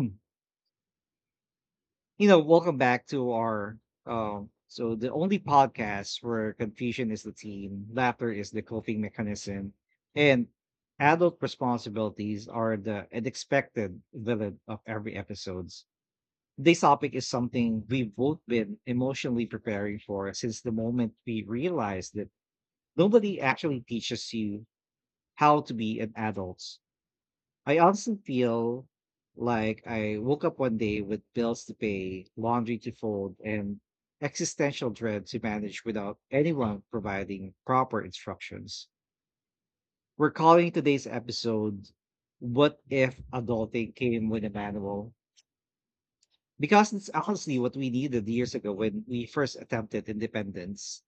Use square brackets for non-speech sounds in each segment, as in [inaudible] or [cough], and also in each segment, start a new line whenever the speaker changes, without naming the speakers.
Hmm. Welcome back to our the only podcast where confusion is the theme, laughter is the coping mechanism, and adult responsibilities are the unexpected villain of every episodes. This topic is something we've both been emotionally preparing for since the moment we realized that nobody actually teaches you how to be an adult. I honestly feel like I woke up one day with bills to pay, laundry to fold, and existential dread to manage without anyone providing proper instructions. We're calling today's episode What If Adulting Came with a Manual? Because it's honestly what we needed years ago when we first attempted independence.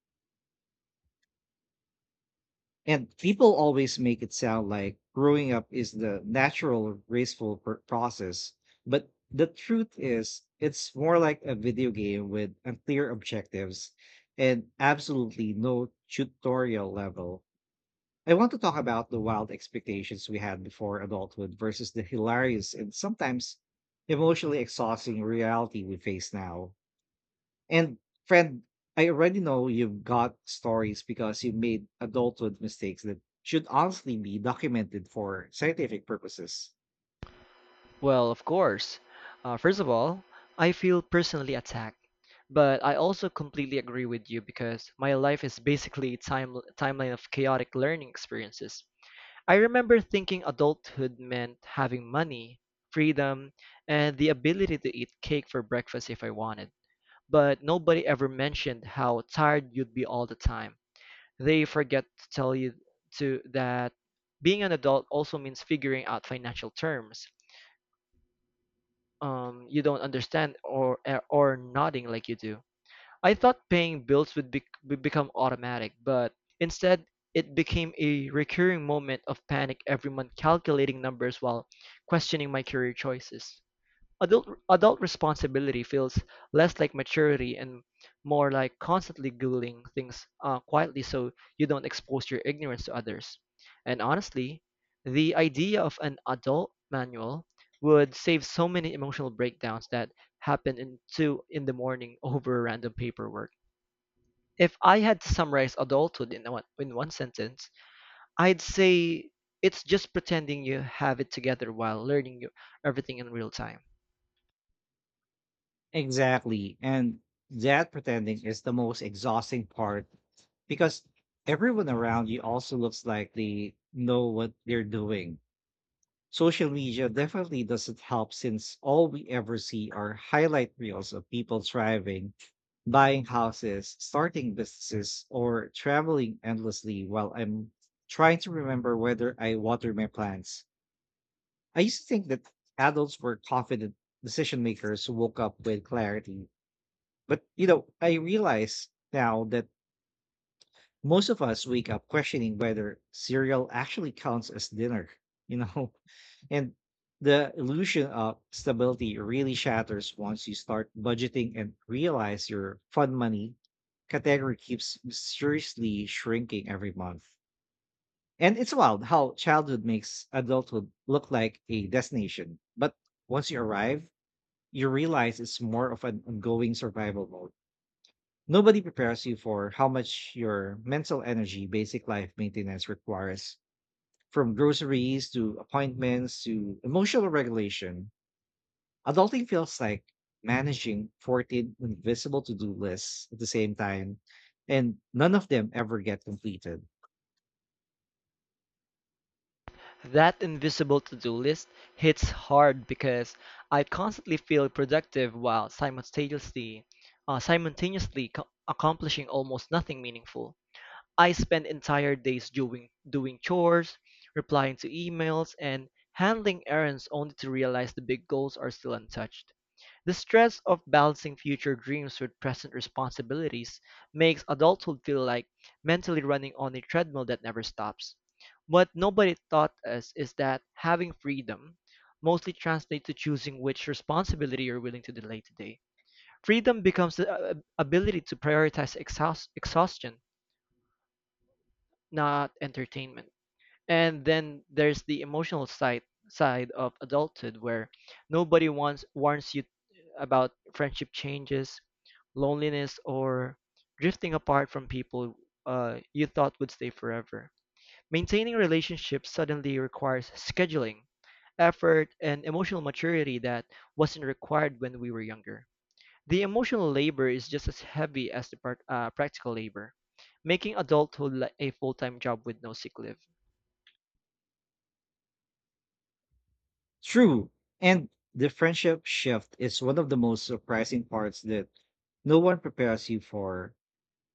And people always make it sound like growing up is the natural, graceful process. But the truth is, it's more like a video game with unclear objectives and absolutely no tutorial level. I want to talk about the wild expectations we had before adulthood versus the hilarious and sometimes emotionally exhausting reality we face now. And friend, I already know you've got stories because you made adulthood mistakes that should honestly be documented for scientific purposes.
Well, of course. First of all, I feel personally attacked, but I also completely agree with you because my life is basically a timeline of chaotic learning experiences. I remember thinking adulthood meant having money, freedom, and the ability to eat cake for breakfast if I wanted. But nobody ever mentioned how tired you'd be all the time. They forget to tell you to that being an adult also means figuring out financial terms you don't understand or or nodding like you do. I thought paying bills would become automatic, but instead it became a recurring moment of panic every month calculating numbers while questioning my career choices. Adult responsibility feels less like maturity and more like constantly googling things quietly so you don't expose your ignorance to others. And honestly, the idea of an adult manual would save so many emotional breakdowns that happen in two in the morning [laughs] over random paperwork. If I had to summarize adulthood in one sentence, I'd say it's just pretending you have it together while learning everything in real time.
Exactly. And that pretending is the most exhausting part because everyone around you also looks like they know what they're doing. Social media definitely doesn't help since all we ever see are highlight reels of people thriving, buying houses, starting businesses, or traveling endlessly while I'm trying to remember whether I water my plants. I used to think that adults were confident decision makers who woke up with clarity. But, you know, I realize now that most of us wake up questioning whether cereal actually counts as dinner, [laughs] you know? And the illusion of stability really shatters once you start budgeting and realize your fund money category keeps mysteriously shrinking every month. And it's wild how childhood makes adulthood look like a destination. But once you arrive, you realize it's more of an ongoing survival mode. Nobody prepares you for how much your mental energy, basic life maintenance requires, from groceries to appointments to emotional regulation. Adulting feels like managing 14 invisible to do lists at the same time, and none of them ever get completed.
That invisible to do list hits hard because I constantly feel productive while simultaneously accomplishing almost nothing meaningful. I spend entire days doing chores, replying to emails, and handling errands only to realize the big goals are still untouched. The stress of balancing future dreams with present responsibilities makes adulthood feel like mentally running on a treadmill that never stops. What nobody taught us is that having freedom mostly translates to choosing which responsibility you're willing to delay today. Freedom becomes the ability to prioritize exhaustion, not entertainment. And then there's the emotional side of adulthood where nobody wants warns you about friendship changes, loneliness, or drifting apart from people you thought would stay forever. Maintaining relationships suddenly requires scheduling, effort, and emotional maturity that wasn't required when we were younger. The emotional labor is just as heavy as the practical labor, making adulthood like a full-time job with no sick leave.
True. And the friendship shift is one of the most surprising parts that no one prepares you for.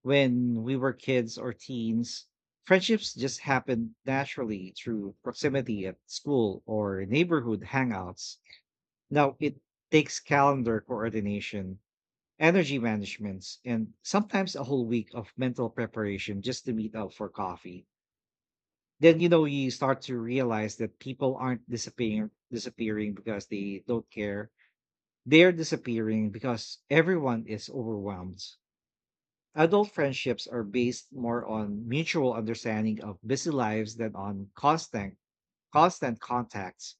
When we were kids or teens, friendships just happen naturally through proximity at school or neighborhood hangouts. Now it takes calendar coordination, energy managements, and sometimes a whole week of mental preparation just to meet up for coffee. Then you know you start to realize that people aren't disappearing because they don't care, they're disappearing because everyone is overwhelmed. Adult friendships are based more on mutual understanding of busy lives than on constant contacts.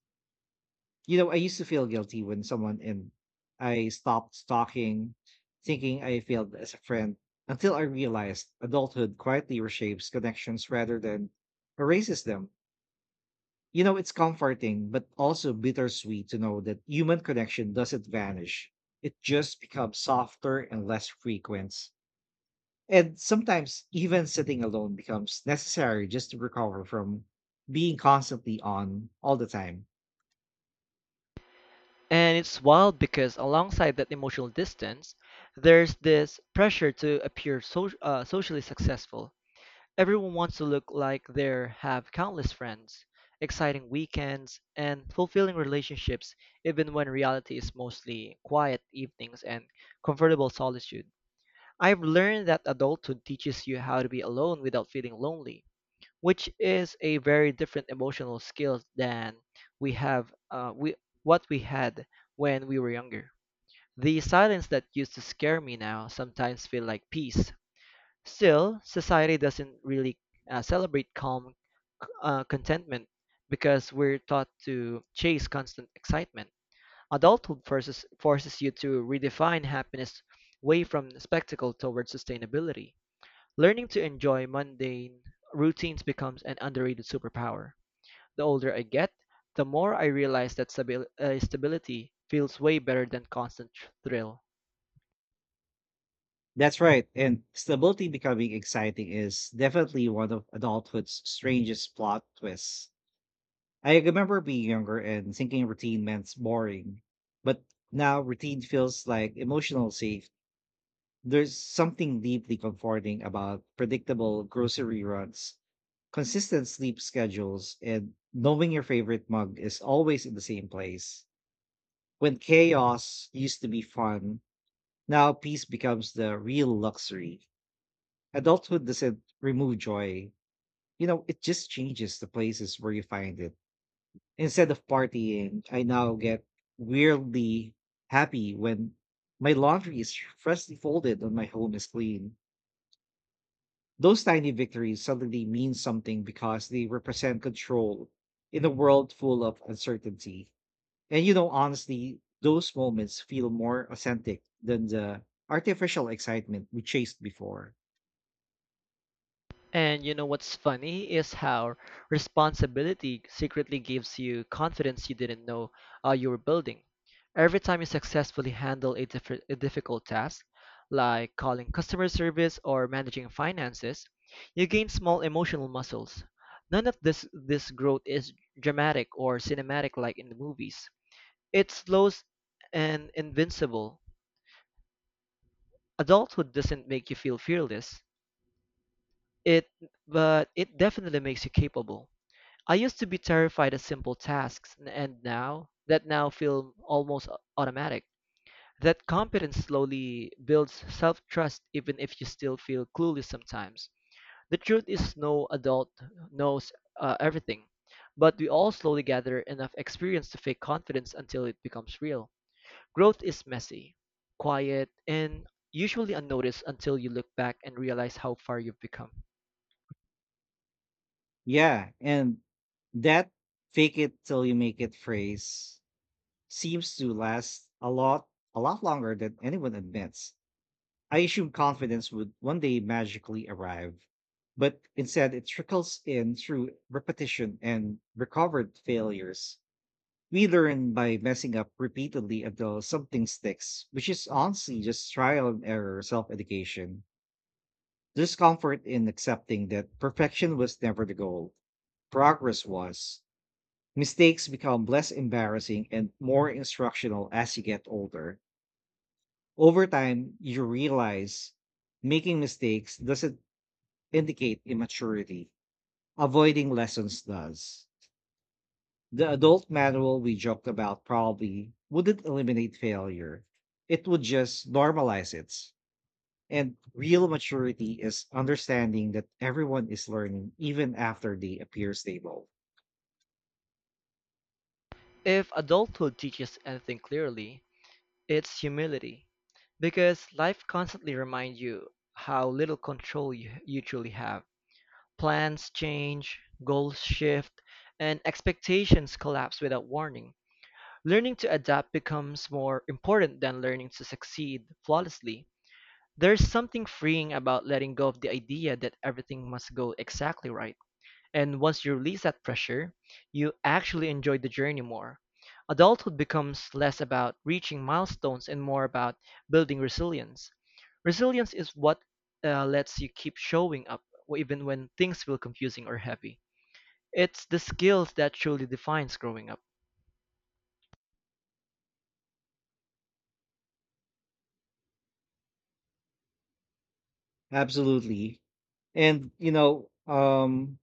You know, I used to feel guilty when someone and I stopped talking, thinking I failed as a friend, until I realized adulthood quietly reshapes connections rather than erases them. You know, it's comforting, but also bittersweet to know that human connection doesn't vanish. It just becomes softer and less frequent. And sometimes even sitting alone becomes necessary just to recover from being constantly on all the time.
And it's wild because alongside that emotional distance, there's this pressure to appear socially successful. Everyone wants to look like they have countless friends, exciting weekends, and fulfilling relationships, even when reality is mostly quiet evenings and comfortable solitude. I've learned that adulthood teaches you how to be alone without feeling lonely which is a very different emotional skill than we have we what we had when we were younger. The silence that used to scare me now sometimes feel like peace. Still, society doesn't really celebrate calm contentment because we're taught to chase constant excitement. Adulthood forces you to redefine happiness away from spectacle toward sustainability. Learning to enjoy mundane routines becomes an underrated superpower. The older I get, the more I realize that stability feels way better than constant thrill.
That's right. And stability becoming exciting is definitely one of adulthood's strangest plot twists. I remember being younger and thinking routine meant boring, but now routine feels like emotional safe. There's something deeply comforting about predictable grocery runs, consistent sleep schedules, and knowing your favorite mug is always in the same place. When chaos used to be fun, now peace becomes the real luxury. Adulthood doesn't remove joy. You know, it just changes the places where you find it. Instead of partying, I now get weirdly happy when my laundry is [laughs] freshly folded and my home is clean. Those tiny victories suddenly mean something because they represent control in a world full of uncertainty. And you know, honestly, those moments feel more authentic than the artificial excitement we chased before.
And you know what's funny is how responsibility secretly gives you confidence you didn't know you were building. Every time you successfully handle a difficult task, like calling customer service or managing finances, you gain small emotional muscles. None of this growth is dramatic or cinematic like in the movies. It's slow and invincible. Adulthood doesn't make you feel fearless. It but it definitely makes you capable. I used to be terrified at simple tasks, and now that now feel almost automatic. That competence slowly builds self-trust even if you still feel clueless sometimes. The truth is no adult knows everything, but we all slowly gather enough experience to fake confidence until it becomes real. Growth is messy, quiet, and usually unnoticed until you look back and realize how far you've become.
Yeah, and that fake it till you make it phrase seems to last a lot longer than anyone admits. I assumed confidence would one day magically arrive, but instead it trickles in through repetition and recovered failures. We learn by messing up repeatedly until something sticks, which is honestly just trial and error self education. There's comfort in accepting that perfection was never the goal, progress was. Mistakes become less embarrassing and more instructional as you get older. Over time, you realize making mistakes doesn't indicate immaturity, avoiding lessons does. The adult manual we joked about probably wouldn't eliminate failure, it would just normalize it. And real maturity is understanding that everyone is learning even after they appear stable.
If adulthood teaches anything clearly, it's humility, because life constantly reminds you how little control you truly have. Plans change, goals shift, and expectations collapse without warning. Learning to adapt becomes more important than learning to succeed flawlessly. There's something freeing about letting go of the idea that everything must go exactly right. And once you release that pressure, you actually enjoy the journey more. Adulthood becomes less about reaching milestones and more about building resilience. Resilience is what lets you keep showing up even when things feel confusing or heavy. It's the skills that truly defines growing up.
Absolutely. And, you know,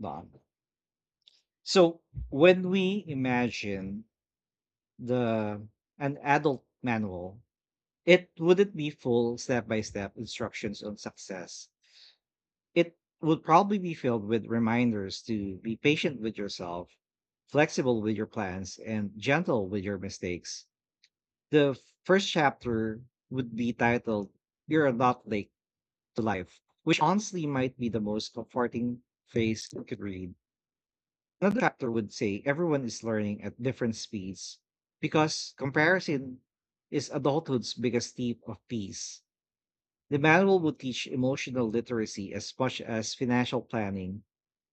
Don, So when we imagine the an adult manual, it wouldn't be full step-by-step instructions on success. It would probably be filled with reminders to be patient with yourself, flexible with your plans, and gentle with your mistakes. The first chapter would be titled You're Not Late to Life, which honestly might be the most comforting phrase you could read. Another factor would say everyone is learning at different speeds because comparison is adulthood's biggest thief of peace. The manual would teach emotional literacy as much as financial planning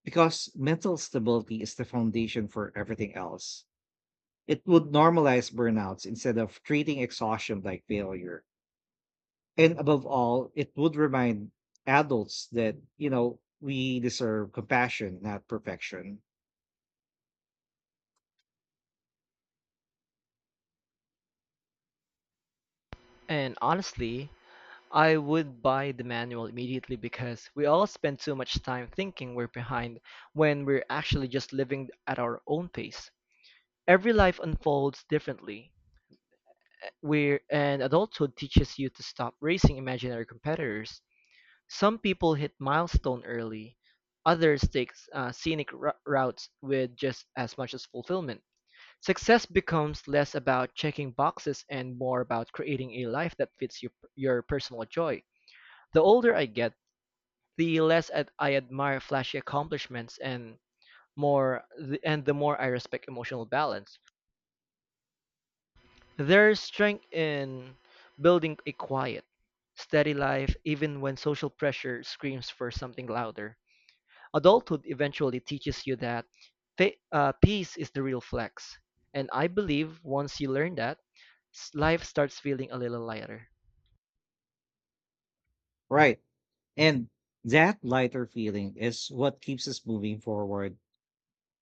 because mental stability is the foundation for everything else. It would normalize burnouts instead of treating exhaustion like failure. And above all, it would remind adults that, you know, we deserve compassion, not perfection.
And honestly, I would buy the manual immediately because we all spend too much time thinking we're behind when we're actually just living at our own pace. Every life unfolds differently, Where and adulthood teaches you to stop racing imaginary competitors. Some people hit milestone early, others take scenic routes with just as much as fulfillment. Success becomes less about checking boxes and more about creating a life that fits your personal joy. The older I get, the I admire flashy accomplishments and the more I respect emotional balance. There is strength in building a quiet, steady life even when social pressure screams for something louder. Adulthood eventually teaches you that peace is the real flex. And I believe once you learn that, life starts feeling a little lighter.
Right. And that lighter feeling is what keeps us moving forward,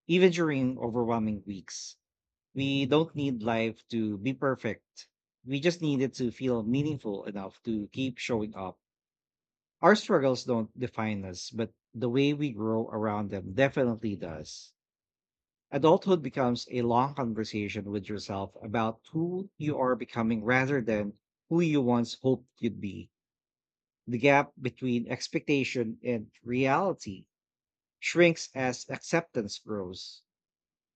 even during overwhelming weeks. We don't need life to be perfect. We just need it to feel meaningful enough to keep showing up. Our struggles don't define us, but the way we grow around them definitely does. Adulthood becomes a long conversation with yourself about who you are becoming rather than who you once hoped you'd be. The gap between expectation and reality shrinks as acceptance grows.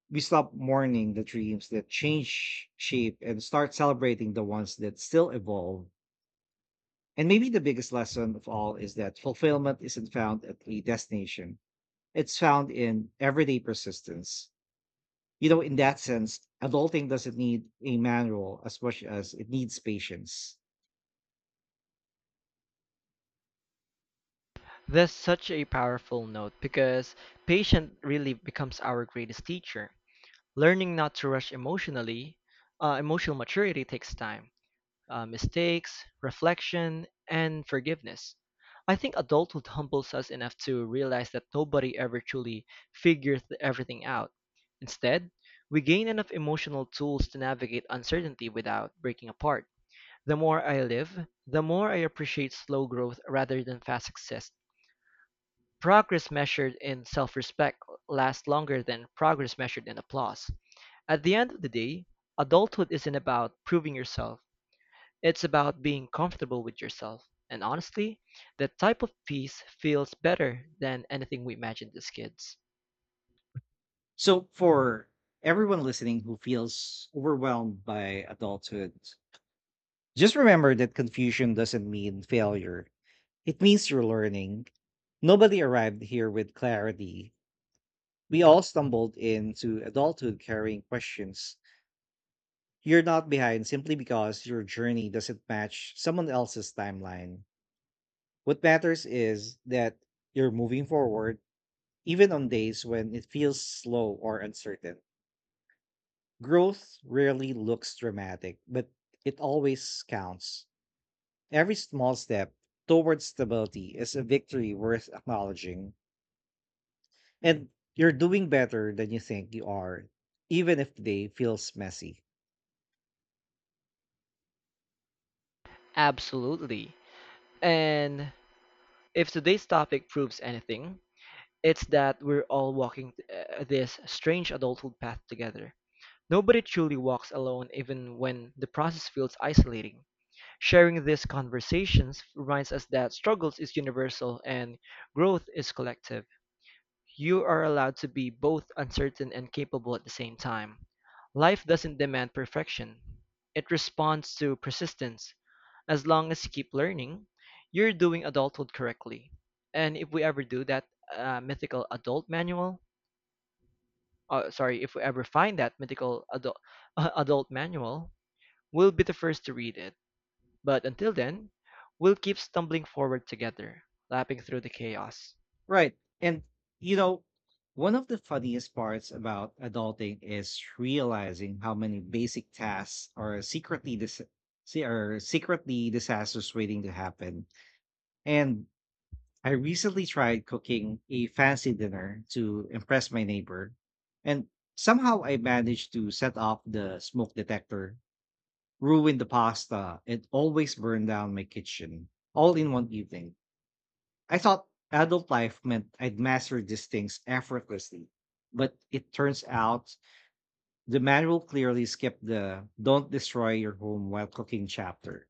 We stop mourning the dreams that change shape and start celebrating the ones that still evolve. And maybe the biggest lesson of all is that fulfillment isn't found at a destination, it's found in everyday persistence. You know, in that sense, adulting doesn't need a manual as much as it needs patience.
That's such a powerful note because patient really becomes our greatest teacher. Learning not to rush emotional maturity takes time, mistakes, reflection, and forgiveness. I think adulthood humbles us enough to realize that nobody ever truly figures everything out. Instead, we gain enough emotional tools to navigate uncertainty without breaking apart. The more I live, the more I appreciate slow growth rather than fast success. Progress measured in self-respect lasts longer than progress measured in applause. At the end of the day, adulthood isn't about proving yourself. It's about being comfortable with yourself. And honestly, that type of peace feels better than anything we imagined as kids.
So, for everyone listening who feels overwhelmed by adulthood, just remember that confusion doesn't mean failure. It means you're learning. Nobody arrived here with clarity. We all stumbled into adulthood carrying questions. You're not behind simply because your journey doesn't match someone else's timeline. What matters is that you're moving forward, even on days when it feels slow or uncertain. Growth rarely looks dramatic, but it always counts. Every small step towards stability is a victory worth acknowledging. And you're doing better than you think you are, even if they feels messy.
Absolutely. And if today's topic proves anything, it's that we're all walking this strange adulthood path together. Nobody truly walks alone, even when the process feels isolating. Sharing these conversations reminds us that struggles is universal and growth is collective. You are allowed to be both uncertain and capable at the same time. Life doesn't demand perfection, it responds to persistence. As long as you keep learning, you're doing adulthood correctly. And if we ever do that mythical adult manual, sorry, if we ever find that mythical adult, [laughs] adult manual, we'll be the first to read it. But until then, we'll keep stumbling forward together, lapping through the chaos.
Right. And you know, one of the funniest parts about adulting is realizing how many basic tasks are secretly dis- see are secretly disasters waiting to happen. And I recently tried cooking a fancy dinner to impress my neighbor, and somehow I managed to set off the smoke detector, ruined the pasta, and always burned down my kitchen, all in one evening. I thought adult life meant I'd master these things effortlessly, but it turns out the manual clearly skipped the don't destroy your home while cooking chapter.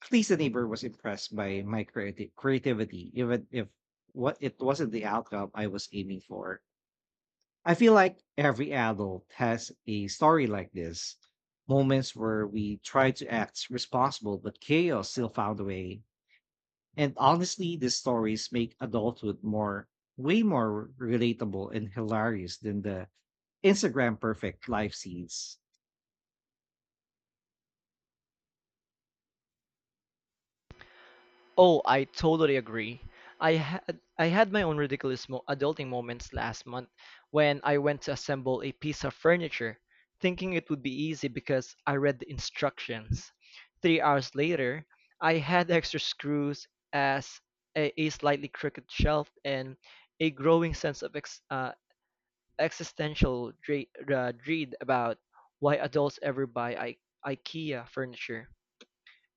At least the neighbor was impressed by my creativity, even if what it wasn't the outcome I was aiming for. I feel like every adult has a story like this. Moments where we tried to act responsible, but chaos still found a way. And honestly, these stories make adulthood more, way more relatable and hilarious than the Instagram perfect life scenes.
Oh, I totally agree. I had my own ridiculous adulting moments last month when I went to assemble a piece of furniture, thinking it would be easy because I read the instructions. 3 hours later, I had extra screws as a slightly crooked shelf and a growing sense of existential dread about why adults ever buy IKEA furniture.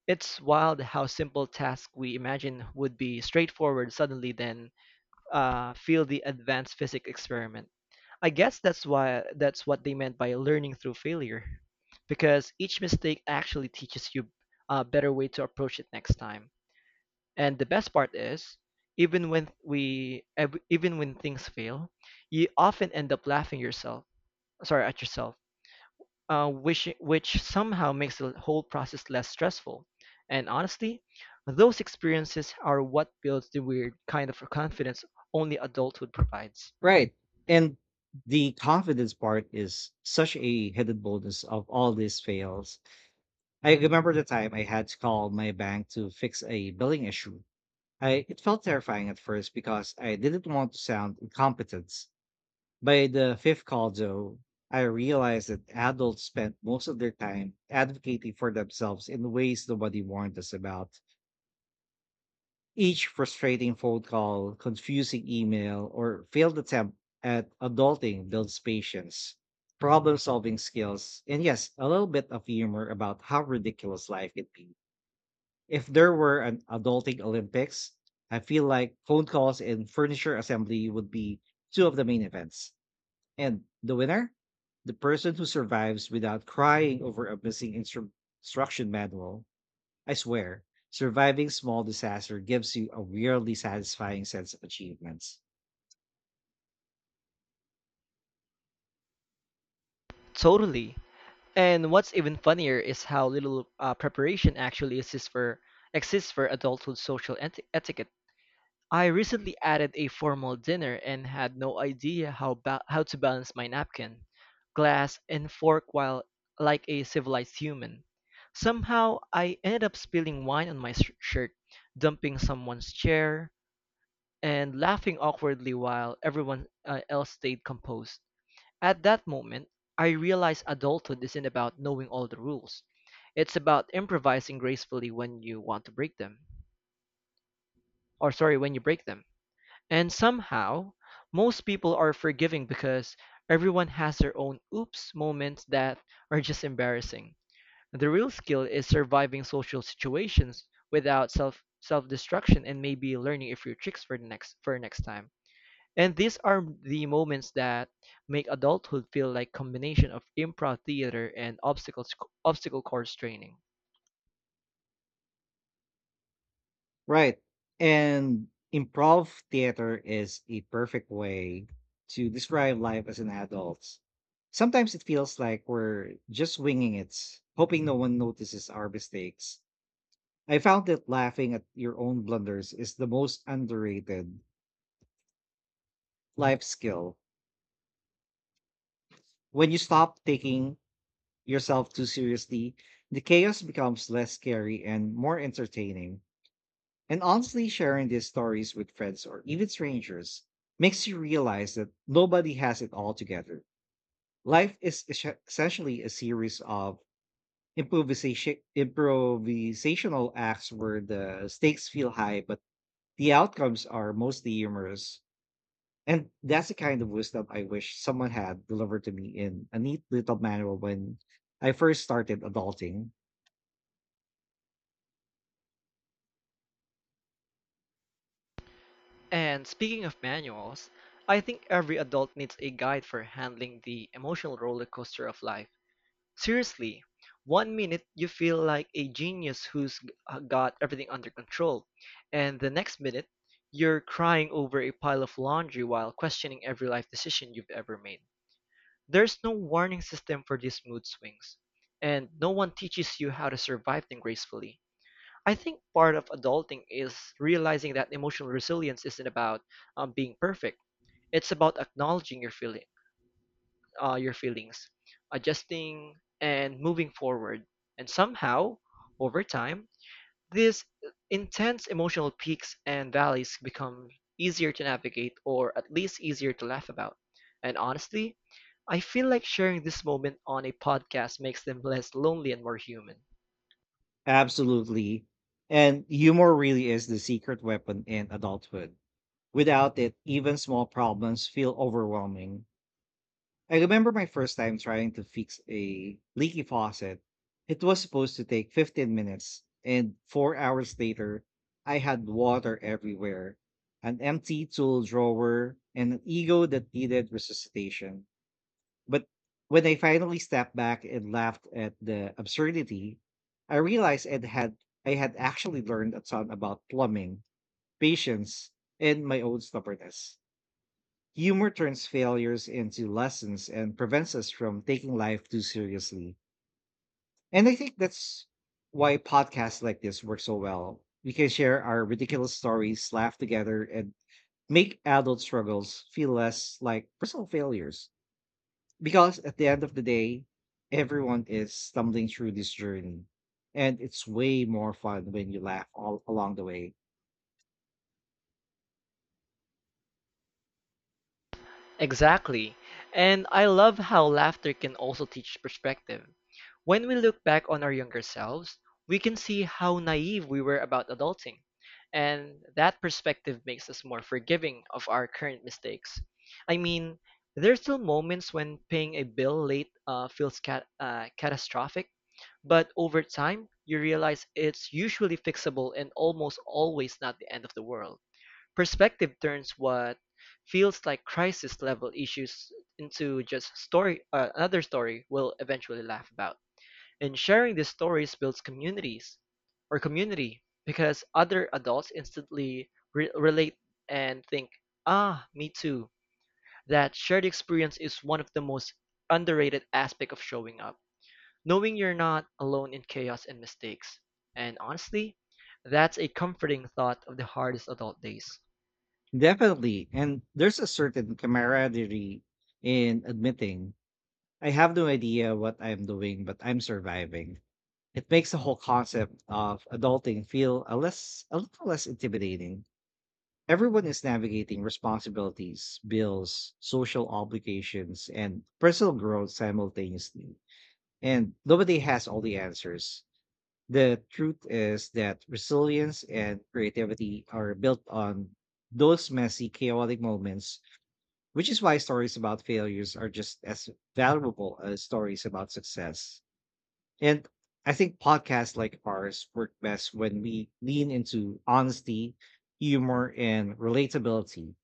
It's wild how simple tasks we imagine would be straightforward suddenly then feel the advanced physics experiment. I guess that's what they meant by learning through failure, because each mistake actually teaches you a better way to approach it next time. And the best part is, even when even when things fail, you often end up laughing yourself. Sorry, at yourself which somehow makes the whole process less stressful. And honestly, those experiences are what builds the weird kind of confidence only adulthood provides.
Right. And the confidence part is such a hidden bonus of all these fails. I remember the time I had to call my bank to fix a billing issue. I It felt terrifying at first because I didn't want to sound incompetent. By the fifth call, though, I realized that adults spent most of their time advocating for themselves in ways nobody warned us about. Each frustrating phone call, confusing email, or failed attempt at adulting builds patience, problem solving skills, and yes, a little bit of humor about how ridiculous life can be. If there were an adulting Olympics, I feel like phone calls and furniture assembly would be two of the main events. And the winner? The person who survives without crying over a missing instruction manual. I swear, surviving small disaster gives you a weirdly satisfying sense of achievements.
Totally. And what's even funnier is how little preparation actually exists for adulthood social etiquette. I recently added a formal dinner and had no idea how to balance my napkin, glass, and fork while like a civilized human. Somehow I ended up spilling wine on my shirt, dumping someone's chair, and laughing awkwardly while everyone else stayed composed. At that moment, I realized adulthood isn't about knowing all the rules. It's about improvising gracefully when you want to break them. Or sorry, when you break them. And somehow, most people are forgiving because everyone has their own oops moments that are just embarrassing. The real skill is surviving social situations without self-destruction and maybe learning a few tricks for the next for next time. And these are the moments that make adulthood feel like combination of improv theater and obstacle course training.
Right. And improv theater is a perfect way to describe life as an adult. Sometimes it feels like we're just winging it, hoping no one notices our mistakes. I found that laughing at your own blunders is the most underrated life skill. When you stop taking yourself too seriously, the chaos becomes less scary and more entertaining. And honestly, sharing these stories with friends or even strangers makes you realize that nobody has it all together. Life is essentially a series of improvisational acts where the stakes feel high, but the outcomes are mostly humorous. And that's the kind of wisdom I wish someone had delivered to me in a neat little manual when I first started adulting.
And speaking of manuals, I think every adult needs a guide for handling the emotional roller coaster of life. Seriously, one minute you feel like a genius who's got everything under control, and the next minute you're crying over a pile of laundry while questioning every life decision you've ever made. There's no warning system for these mood swings, and no one teaches you how to survive them gracefully. I think part of adulting is realizing that emotional resilience isn't about being perfect. It's about acknowledging your feelings, adjusting, and moving forward. And somehow, over time, these intense emotional peaks and valleys become easier to navigate or at least easier to laugh about. And honestly, I feel like sharing this moment on a podcast makes them less lonely and more human.
Absolutely. And humor really is the secret weapon in adulthood. Without it, even small problems feel overwhelming. I remember my first time trying to fix a leaky faucet. It was supposed to take 15 minutes, and 4 hours later, I had water everywhere, an empty tool drawer, and an ego that needed resuscitation. But when I finally stepped back and laughed at the absurdity, I realized it had I had actually learned a ton about plumbing, patience, and my own stubbornness. Humor turns failures into lessons and prevents us from taking life too seriously. And I think that's why podcasts like this work so well. We can share our ridiculous stories, laugh together, and make adult struggles feel less like personal failures. Because at the end of the day, everyone is stumbling through this journey. And it's way more fun when you laugh all along the way.
Exactly. And I love how laughter can also teach perspective. When we look back on our younger selves, we can see how naive we were about adulting. And that perspective makes us more forgiving of our current mistakes. I mean, there's still moments when paying a bill late feels catastrophic, but over time, you realize it's usually fixable and almost always not the end of the world. Perspective turns what feels like crisis-level issues into just another story we'll eventually laugh about. And sharing these stories builds communities or community because other adults instantly relate and think, ah, me too. That shared experience is one of the most underrated aspect of showing up. Knowing you're not alone in chaos and mistakes. And honestly, that's a comforting thought of the hardest adult days.
Definitely. And there's a certain camaraderie in admitting I have no idea what I'm doing, but I'm surviving. It makes the whole concept of adulting feel a little less intimidating. Everyone is navigating responsibilities, bills, social obligations, and personal growth simultaneously. And nobody has all the answers. The truth is that resilience and creativity are built on those messy, chaotic moments, which is why stories about failures are just as valuable as stories about success. And I think podcasts like ours work best when we lean into honesty, humor, and relatability.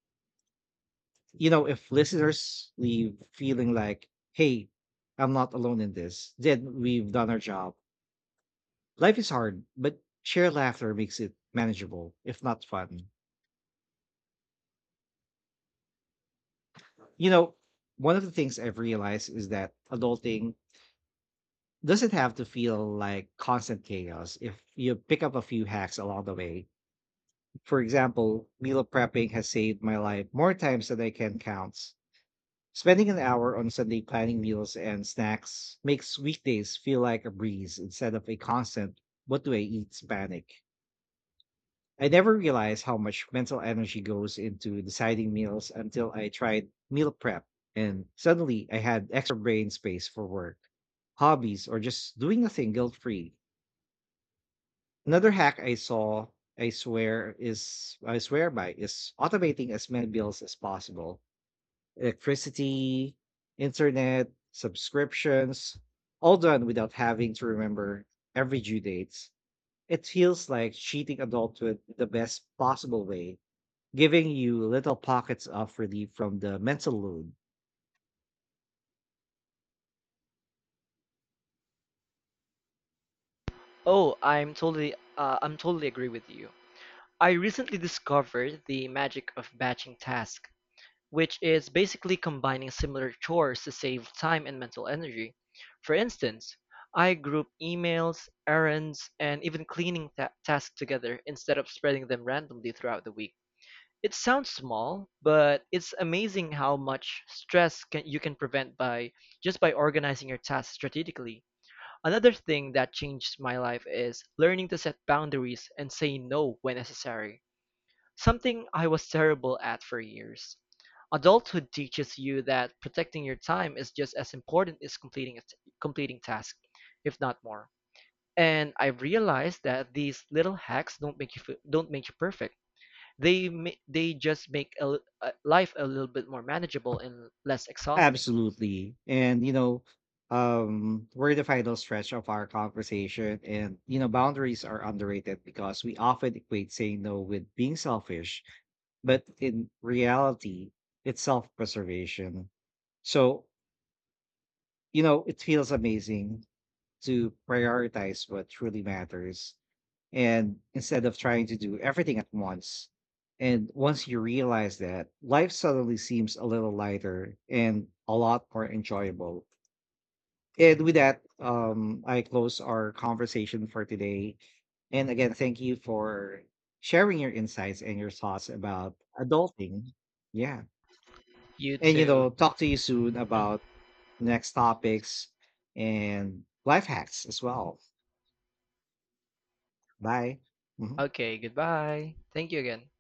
You know, if listeners leave feeling like, hey, I'm not alone in this, then we've done our job. Life is hard, but shared laughter makes it manageable, if not fun. You know, one of the things I've realized is that adulting doesn't have to feel like constant chaos if you pick up a few hacks along the way. For example, meal prepping has saved my life more times than I can count. Spending an hour on Sunday planning meals and snacks makes weekdays feel like a breeze instead of a constant, what do I eat panic. I never realized how much mental energy goes into deciding meals until I tried meal prep and suddenly I had extra brain space for work, hobbies, or just doing nothing guilt free. Another hack I saw, I swear, is I swear by is automating as many bills as possible. Electricity, internet, subscriptions, all done without having to remember every due date. It feels like cheating adulthood in the best possible way, giving you little pockets of relief from the mental load.
Oh, I'm totally agree with you. I recently discovered the magic of batching tasks, which is basically combining similar chores to save time and mental energy. For instance, I group emails, errands, and even cleaning tasks together instead of spreading them randomly throughout the week. It sounds small, but it's amazing how much you can prevent by just by organizing your tasks strategically. Another thing that changed my life is learning to set boundaries and say no when necessary, something I was terrible at for years. Adulthood teaches you that protecting your time is just as important as completing tasks, if not more. And I've realized that these little hacks don't make you perfect, they just make life a little bit more manageable and less exhausting.
Absolutely. And you know, we're in the final stretch of our conversation. And you know, boundaries are underrated because we often equate saying no with being selfish, but in reality, it's self-preservation. So, you know, it feels amazing to prioritize what truly matters and instead of trying to do everything at once. And once you realize that, life suddenly seems a little lighter and a lot more enjoyable. And with that, I close our conversation for today. And again, thank you for sharing your insights and your thoughts about adulting. Yeah.
You
And, you
too.
know, talk to you soon
Mm.
about next topics and life hacks as well. Bye. Mhm.
Okay, goodbye. Thank you again.